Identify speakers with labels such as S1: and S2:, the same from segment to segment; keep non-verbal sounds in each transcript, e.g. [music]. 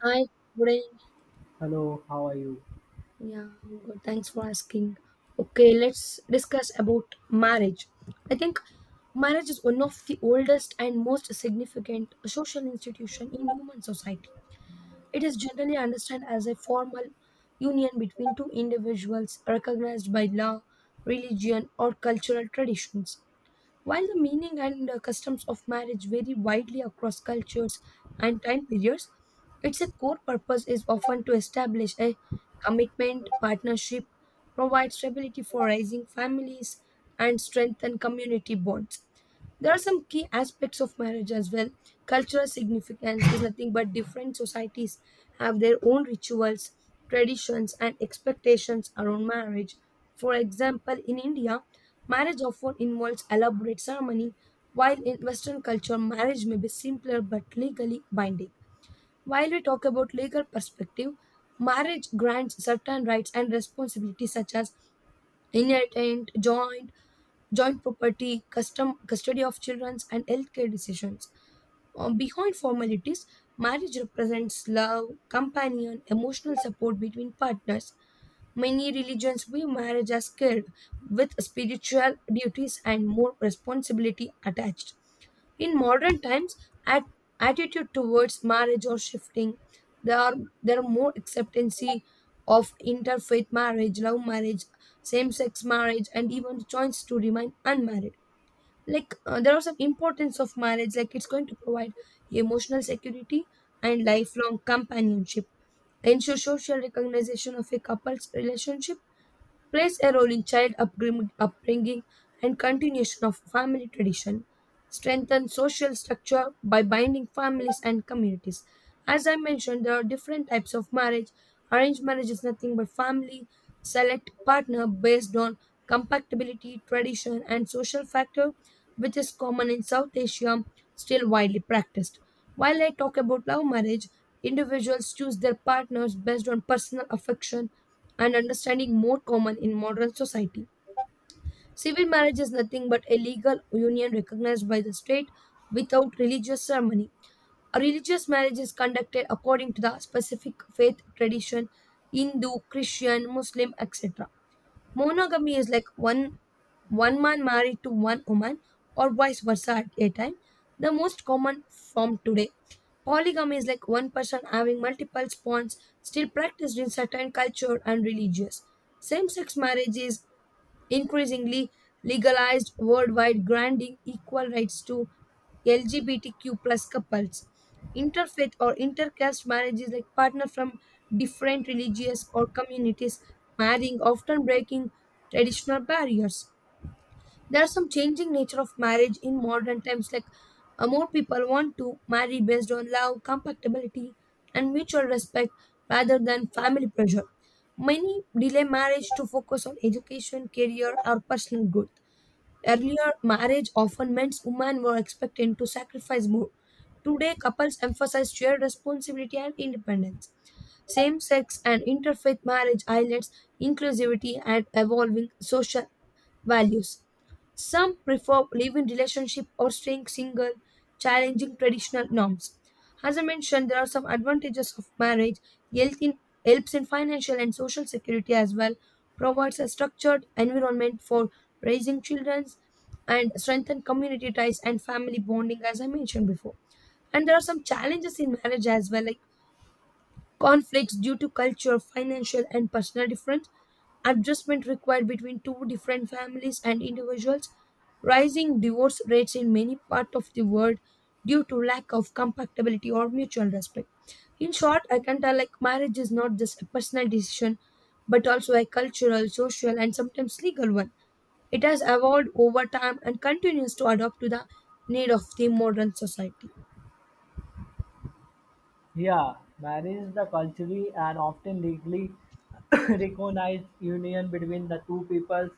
S1: Hi, good evening.
S2: Hello, how are you?
S1: Yeah, I'm good. Thanks for asking. Okay, let's discuss about marriage. I think marriage is one of the oldest and most significant social institution in human society. It is generally understood as a formal union between two individuals recognized by law, religion, or cultural traditions. While the meaning and customs of marriage vary widely across cultures and time periods, its core purpose is often to establish a commitment, partnership, provide stability for raising families, and strengthen community bonds. There are some key aspects of marriage as well. Cultural significance is nothing but different societies have their own rituals, traditions, and expectations around marriage. For example, in India, marriage often involves elaborate ceremony, while in Western culture, marriage may be simpler but legally binding. While we talk about legal perspective, marriage grants certain rights and responsibilities such as inheritance, joint property, custom custody of children, and healthcare decisions. Behind formalities, marriage represents love, companion, emotional support between partners. Many religions view marriage as sacred, with spiritual duties and more responsibility attached. In modern times, at, attitude towards marriage are shifting. There are there are more acceptancy of interfaith marriage, love marriage, same-sex marriage, and even the choice to remain unmarried. Like there are some importance of marriage like it's going to provide emotional security and lifelong companionship, ensure social recognition of a couple's relationship, plays a role in upbringing and continuation of family tradition, strengthen social structure by binding families and communities. As I mentioned, there are different types of marriage. Arranged marriage is nothing but family select partner based on compatibility, tradition, and social factor, which is common in South Asia, still widely practiced. While I talk about love marriage, individuals choose their partners based on personal affection and understanding, more common in modern society. Civil marriage is nothing but a legal union recognized by the state without religious ceremony. A religious marriage is conducted according to the specific faith tradition: Hindu, Christian, Muslim, etc. Monogamy is like one man married to one woman or vice versa at a time. The most common form today. Polygamy is like one person having multiple spawns, still practiced in certain culture and religious. Same-sex marriage is increasingly legalized worldwide, granting equal rights to LGBTQ plus couples. Interfaith or intercaste marriages like partner from different religious or communities marrying, often breaking traditional barriers. There's some changing nature of marriage in modern times, like more people want to marry based on love, compatibility, and mutual respect rather than family pressure. Many delay marriage to focus on education, career, or personal growth. Earlier marriage often meant women were expected to sacrifice more. Today couples emphasize shared responsibility and independence. Same-sex and interfaith marriage highlights inclusivity and evolving social values. Some prefer live-in relationship or staying single, challenging traditional norms. As I mentioned, there are some advantages of marriage. Health in, Helps in financial and social security as well. Provides a structured environment for raising children and strengthen community ties and family bonding, as I mentioned before. And there are some challenges in marriage as well, like conflicts due to culture, financial, and personal difference, adjustment required between two different families and individuals, rising divorce rates in many parts of the world due to lack of compatibility or mutual respect. In short, I can tell like marriage is not just a personal decision but also a cultural, social, and sometimes legal one. It has evolved over time and continues to adapt to the need of the modern society.
S2: Yeah, marriage is the culturally and often legally [coughs] recognized union between the two peoples,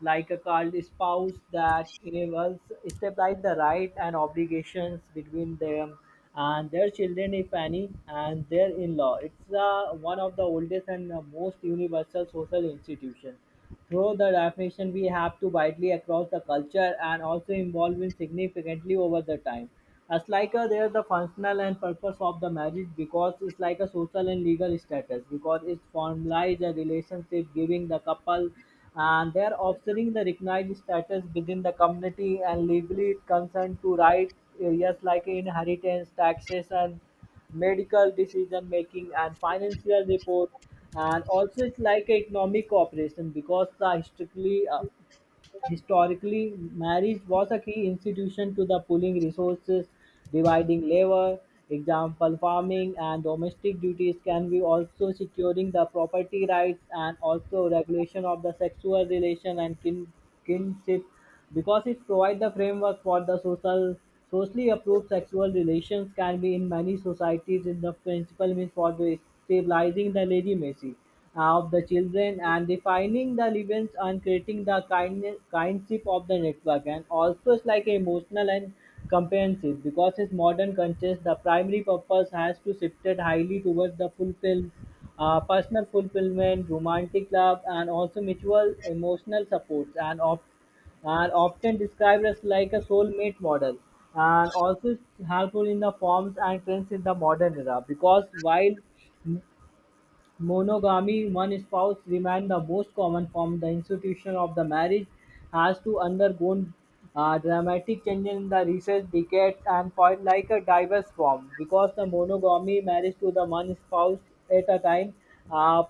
S2: like a called spouse, that enables stabilize the right and obligations between them and their children, if any, and their in-law. It's one of the oldest and most universal social institutions. Through the definition, we have to widely across the culture and also involve in significantly over the time. As like a, there the functional and purpose of the marriage, because it's like a social and legal status, because it formalizes a relationship giving the couple and their offspring the recognized status within the community, and legally it concerned to right areas like inheritance, taxation, medical decision making, and financial report. And also it's like a economic cooperation, because the historically Historically, marriage was a key institution to the pooling resources, dividing labor, example farming and domestic duties, can be also securing the property rights, and also regulation of the sexual relation and kinship, because it provides the framework for the socially approved sexual relations, can be in many societies in the principle means for the stabilizing the legitimacy of the children, and defining the events and creating the kindness kindship of the network. And also it's like emotional and comprehensive, because in modern context the primary purpose has to shifted highly towards the fulfill personal fulfillment, romantic love, and also mutual emotional supports, and often described as like a soulmate model. And also it's helpful in the forms and trends in the modern era, because while m- monogamy, one spouse, remained the most common form, the institution of the marriage has to undergone dramatic changes in the recent decades, and quite like a diverse form, because the monogamy marriage to the one spouse at a time. uh,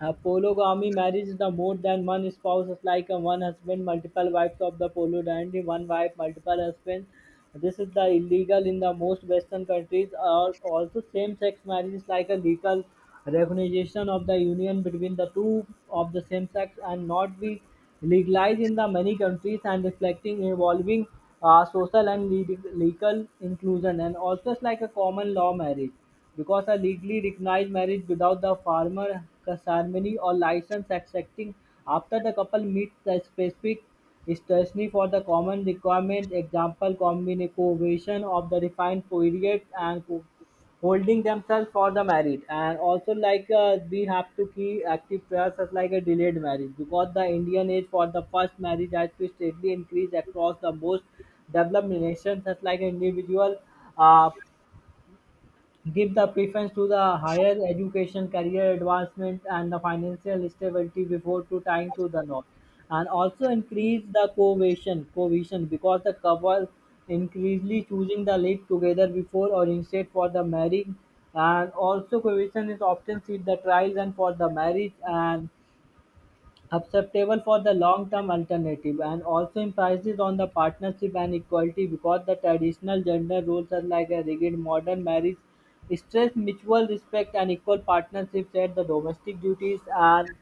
S2: a polygamy marriage is the more than one spouse, it's like a one husband, multiple wives of the polygamy, one wife, multiple husbands. This is the illegal in the most Western countries. Or also same-sex marriage is like a legal recognition of the union between the two of the same sex, and not be legalized in the many countries, and reflecting evolving social and legal inclusion. And also it's like a common law marriage, because a legally recognized marriage without the formal ceremony or license accepting after the couple meets the specific statutory for the common requirement, example combination of the defined period and holding themselves for the marriage. And also, like we have to keep active prayers as like a delayed marriage, because the indian age for the first marriage has to steadily increase across the most developed nations, as like individual uh, give the preference to the higher education, career advancement, and the financial stability before to tying to the north, and also increase the cohesion, because the couple increasingly choosing the lead together before or instead for the marriage, and also cohesion is often seen the trials and for the marriage and acceptable for the long-term alternative. And also emphasis on the partnership and equality, because the traditional gender roles are like a rigid, modern marriage stress mutual respect and equal partnership at the domestic duties and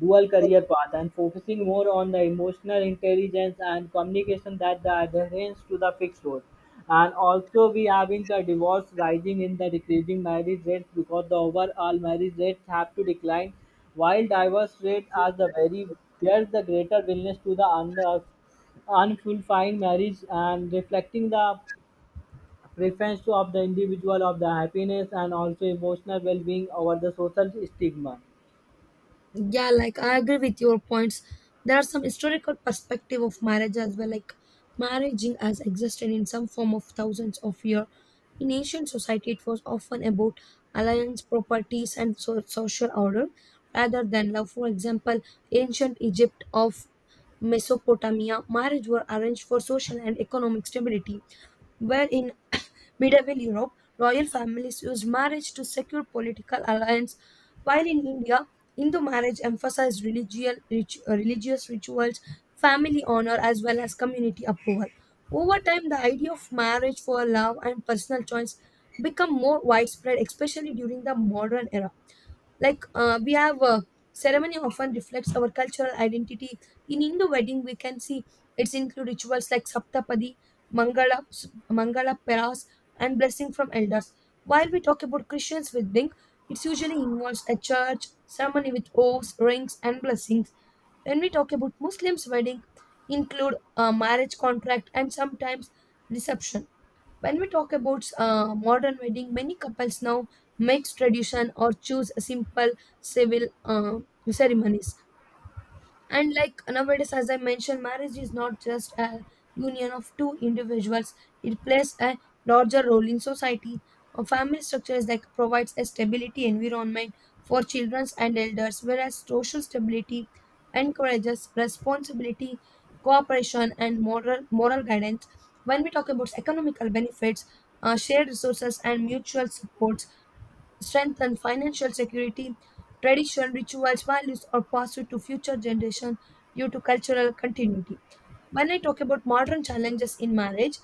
S2: dual career path, and focusing more on the emotional intelligence and communication that the adherence to the fixed role. And also we having the divorce rising in the decreasing marriage rates, because the overall marriage rates have to decline while divorce rate are the very, there's the greater willingness to the unfulfilling marriage, and reflecting the preference of the individual of the happiness and also emotional well-being over the social stigma.
S1: Yeah, like I agree with your points. There are some historical perspective of marriage as well. Like marrying has existed in some form of thousands of years. In ancient society, it was often about alliance, properties, and social order rather than love. For example, ancient Egypt of Mesopotamia, marriage were arranged for social and economic stability, where in Medieval Europe, royal families used marriage to secure political alliance, while in India, Hindu marriage emphasized religious rituals, family honor, as well as community approval. Over time, the idea of marriage for love and personal choice become more widespread, especially during the modern era. Like we have ceremony often reflects our cultural identity. In Hindu wedding, we can see it's include rituals like Saptapadi, Mangala, Mangala Peras, and blessing from elders. While we talk about Christians wedding, it usually involves a church ceremony with oaths, rings, and blessings. When we talk about Muslims wedding, include a marriage contract and sometimes reception. When we talk about modern wedding, many couples now mix tradition or choose simple civil ceremonies. And like nowadays, as I mentioned, marriage is not just a union of two individuals. It plays a larger role in society. A family structure is like provides a stability environment for children and elders, whereas social stability encourages responsibility, cooperation, and moral guidance. When we talk about economical benefits, shared resources, and mutual support, strengthen financial security, tradition, rituals, values, or pass it to future generation due to cultural continuity. When I talk about modern challenges in marriage,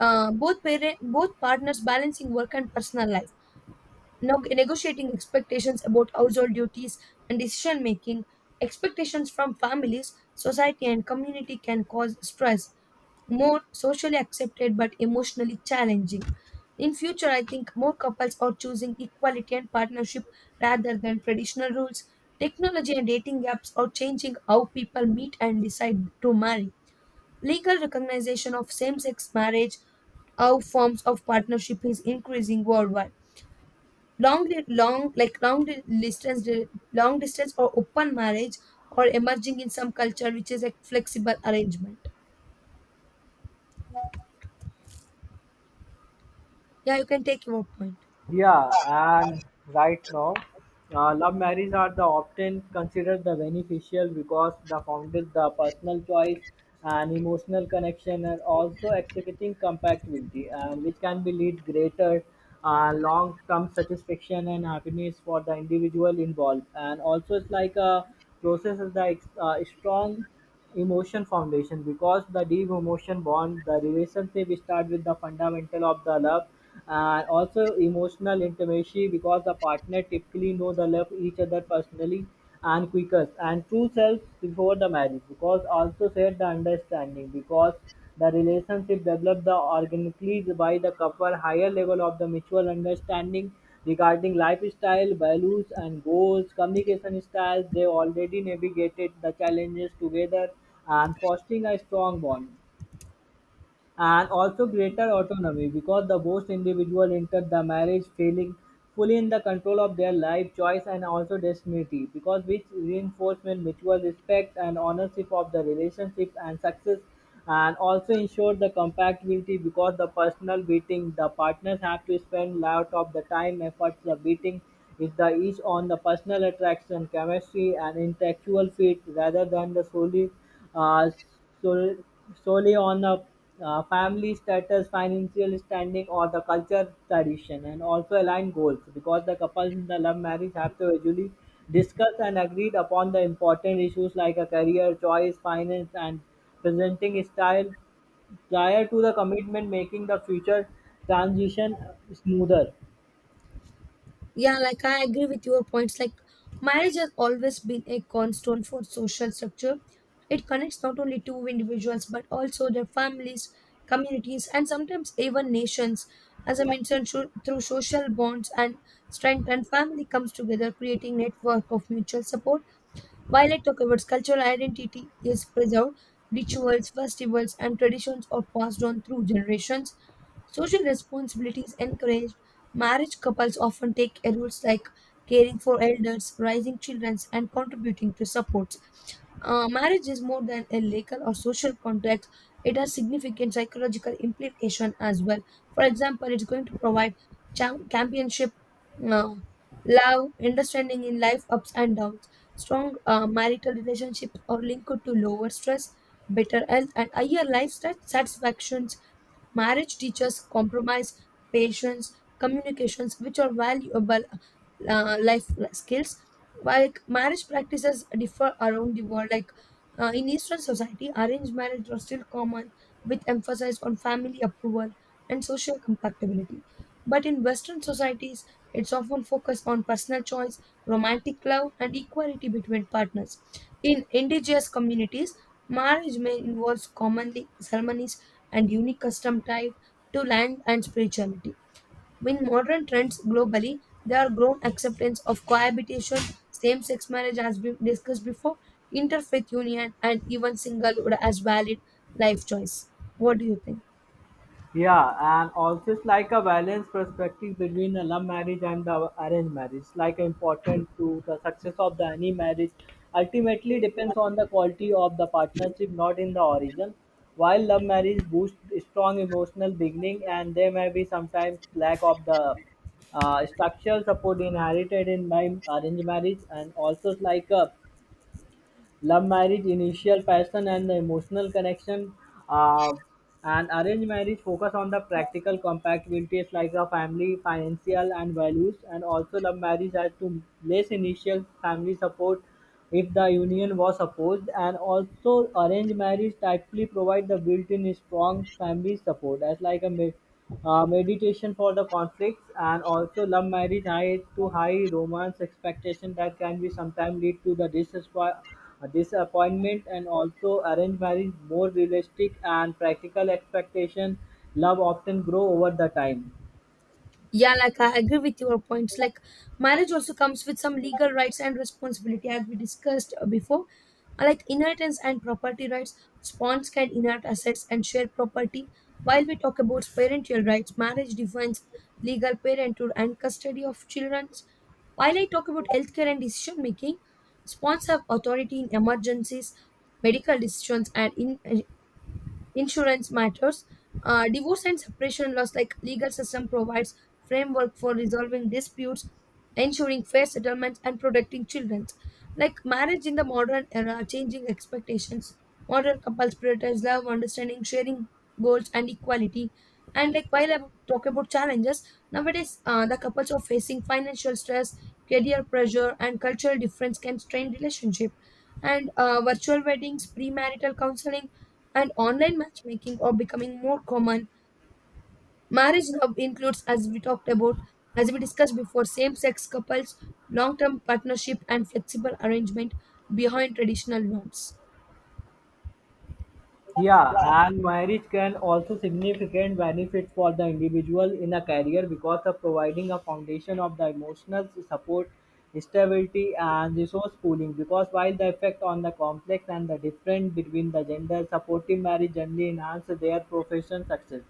S1: both partners balancing work and personal life, negotiating expectations about household duties and decision making, expectations from families, society, and community can cause stress, more socially accepted but emotionally challenging. In future, I think more couples are choosing equality and partnership rather than traditional rules. Technology and dating apps are changing how people meet and decide to marry. Legal recognition of same sex marriage, how forms of partnership is increasing worldwide. Long distance, long distance or open marriage are emerging in some culture, which is a flexible arrangement. Yeah, you can take your point.
S2: Yeah, and right now, love marriages are the often considered the beneficial, because the founded the personal choice and emotional connection, and also executing compatibility, and which can be lead greater long-term satisfaction and happiness for the individual involved. And also, it's like a process of the strong emotion foundation, because the deep emotion bond the relationship start with the fundamental of the love, and also emotional intimacy, because the partner typically know the love each other personally, and quickest and true selves before the marriage, because also share the understanding, because the relationship developed the organically by the couple, higher level of the mutual understanding regarding lifestyle, values and goals, communication styles. They already navigated the challenges together and fostering a strong bond, and also greater autonomy, because the most individual enter the marriage feeling fully in the control of their life choice and also destiny, because which reinforcement mutual respect and ownership of the relationship and success, and also ensure the compatibility, because the personal beating the partners have to spend lot of the time efforts the beating, is the each on the personal attraction, chemistry, and intellectual fit, rather than the uh, solely solely on the family status, financial standing, or the culture tradition. And also align goals, because the couples in the love marriage have to usually discuss and agreed upon the important issues like a career choice, finance, and presenting style prior to the commitment, making the future transition smoother.
S1: Yeah, like I agree with your points. Like marriage has always been a cornerstone for social structure. It connects not only two individuals but also their families, communities, and sometimes even nations. As I mentioned, through social bonds and strength, and family comes together, creating network of mutual support. While I talk about cultural identity is preserved, rituals, festivals, and traditions are passed on through generations. Social responsibility is encouraged. Marriage couples often take roles like caring for elders, raising children, and contributing to supports. Marriage is more than a legal or social contract. It has significant psychological implication as well. For example, it's going to provide championship, uh, love, understanding in life ups and downs. Strong marital relationships are linked to lower stress, better health, and higher life satisfaction. Marriage teaches compromise, patience, communications, which are valuable life skills. While marriage practices differ around the world, like in Eastern society, arranged marriage was still common with emphasis on family approval and social compatibility. But in Western societies, it's often focused on personal choice, romantic love, and equality between partners. In indigenous communities, marriage may involve commonly ceremonies and unique custom tied to land and spirituality. With modern trends globally, there are grown acceptance of cohabitation, same sex marriage, as we discussed before, interfaith union, and even singlehood as valid life choice. What do you think?
S2: Yeah, and also it's like a balanced perspective between a love marriage and the arranged marriage. It's like important to the success of the any marriage. Ultimately depends on the quality of the partnership, not in the origin. While love marriage boosts strong emotional beginning, and there may be sometimes lack of the structural support inherited in my arranged marriage. And also, like a, love marriage, initial passion and the emotional connection. Uh, and arranged marriage focus on the practical compatibilities like the family, financial, and values. And also love marriage has to less initial family support if the union was opposed. And also arranged marriage typically provide the built-in strong family support as like a meditation for the conflicts. And also love marriage high to high romance expectation that can be sometimes lead to the disappointment, and also arranged marriage more realistic and practical expectation, love often grow over the time.
S1: Yeah, like I agree with your points. Like marriage also comes with some legal rights and responsibility, as we discussed before. Like inheritance and property rights, spawns can inherit assets and share property. While we talk about parental rights, marriage defines legal parenthood and custody of children. While I talk about healthcare and decision making, spawns have authority in emergencies, medical decisions, and in insurance matters. Divorce and separation laws, like legal system provides framework for resolving disputes, ensuring fair settlements and protecting children. Like marriage in the modern era, changing expectations, modern couples prioritize love, understanding, sharing goals, and equality. And like while I talk about challenges nowadays, the couples are facing financial stress, career pressure, and cultural difference can strain relationship. And virtual weddings, premarital counseling, and online matchmaking are becoming more common. Marriage love includes, as we talked about, as we discussed before, same sex couples, long term partnership, and flexible arrangement behind traditional norms.
S2: Yeah, and marriage can also significant benefit for the individual in a career, because of providing a foundation of the emotional support, stability, and resource pooling. Because while the effect on the complex and the difference between the gender, supportive marriage generally enhance their professional success.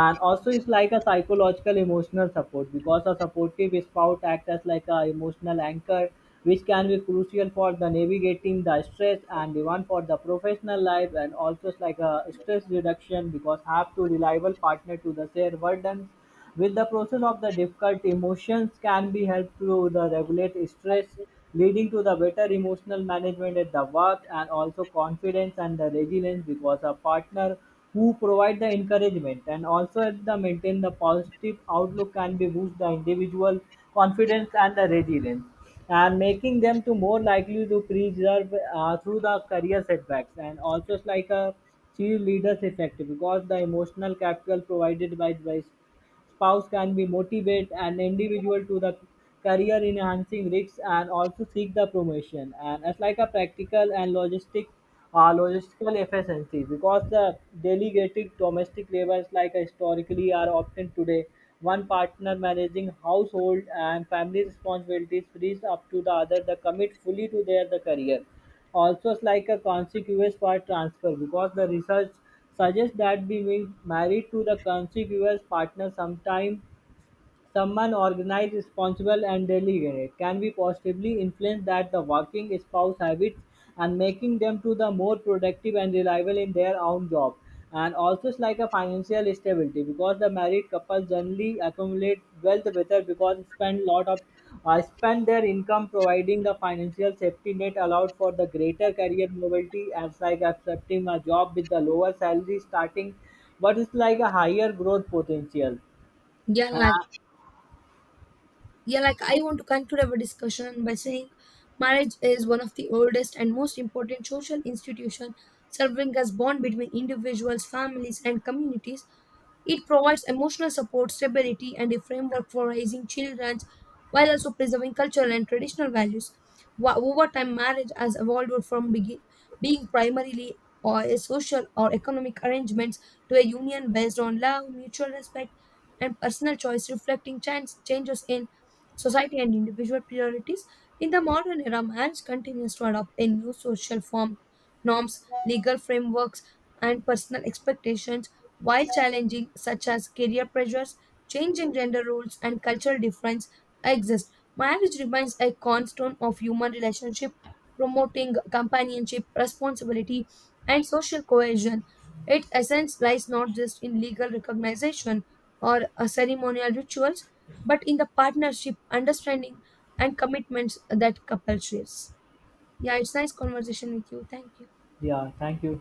S2: And also it's like a psychological emotional support, because a supportive spouse acts as like a emotional anchor, which can be crucial for the navigating the stress and demand for the professional life. And also it's like a stress reduction, because have to reliable partner to the share burden with the process of the difficult, emotions can be helped to the regulate stress, leading to the better emotional management at the work. And also confidence and the resilience, because a partner who provide the encouragement and also at the maintain the positive outlook can be boost the individual confidence and the resilience, and making them to more likely to preserve through the career setbacks. And also it's like a cheerleaders effect, because the emotional capital provided by spouse can be motivate an individual to the career enhancing risks, and also seek the promotion. And it's like a practical and logistical efficiency, because the delegated domestic labors like historically are often today, one partner managing household and family responsibilities frees up to the other the commit fully to their the career. Also is like a contiguous part transfer, because the research suggests that being married to the contiguous partner, sometime someone organized, responsible and deliberate, can be positively influence that the working spouse habits, and making them to the more productive and reliable in their own job. And also it's like a financial stability, because the married couples generally accumulate wealth better, because spend lot of spend their income providing the financial safety net allowed for the greater career mobility, as like accepting a job with the lower salary starting but it's like a higher growth potential.
S1: Yeah, like, yeah, like I want to conclude our discussion by saying marriage is one of the oldest and most important social institution serving as bond between individuals, families, and communities. It provides emotional support, stability, and a framework for raising children while also preserving cultural and traditional values. Over time, marriage has evolved from being primarily or a social or economic arrangements to a union based on love, mutual respect, and personal choice, reflecting changes in society and individual priorities. In the modern era, marriage continues to adopt a new social form, norms, legal frameworks, and personal expectations. While challenging such as career pressures, changing gender roles, and cultural difference exist, marriage remains a cornerstone of human relationship, promoting companionship, responsibility, and social cohesion. Its essence lies not just in legal recognition or ceremonial rituals, but in the partnership, understanding, and commitments that couple shares. Yeah, it's nice conversation with you. Thank you.
S2: Yeah, thank you.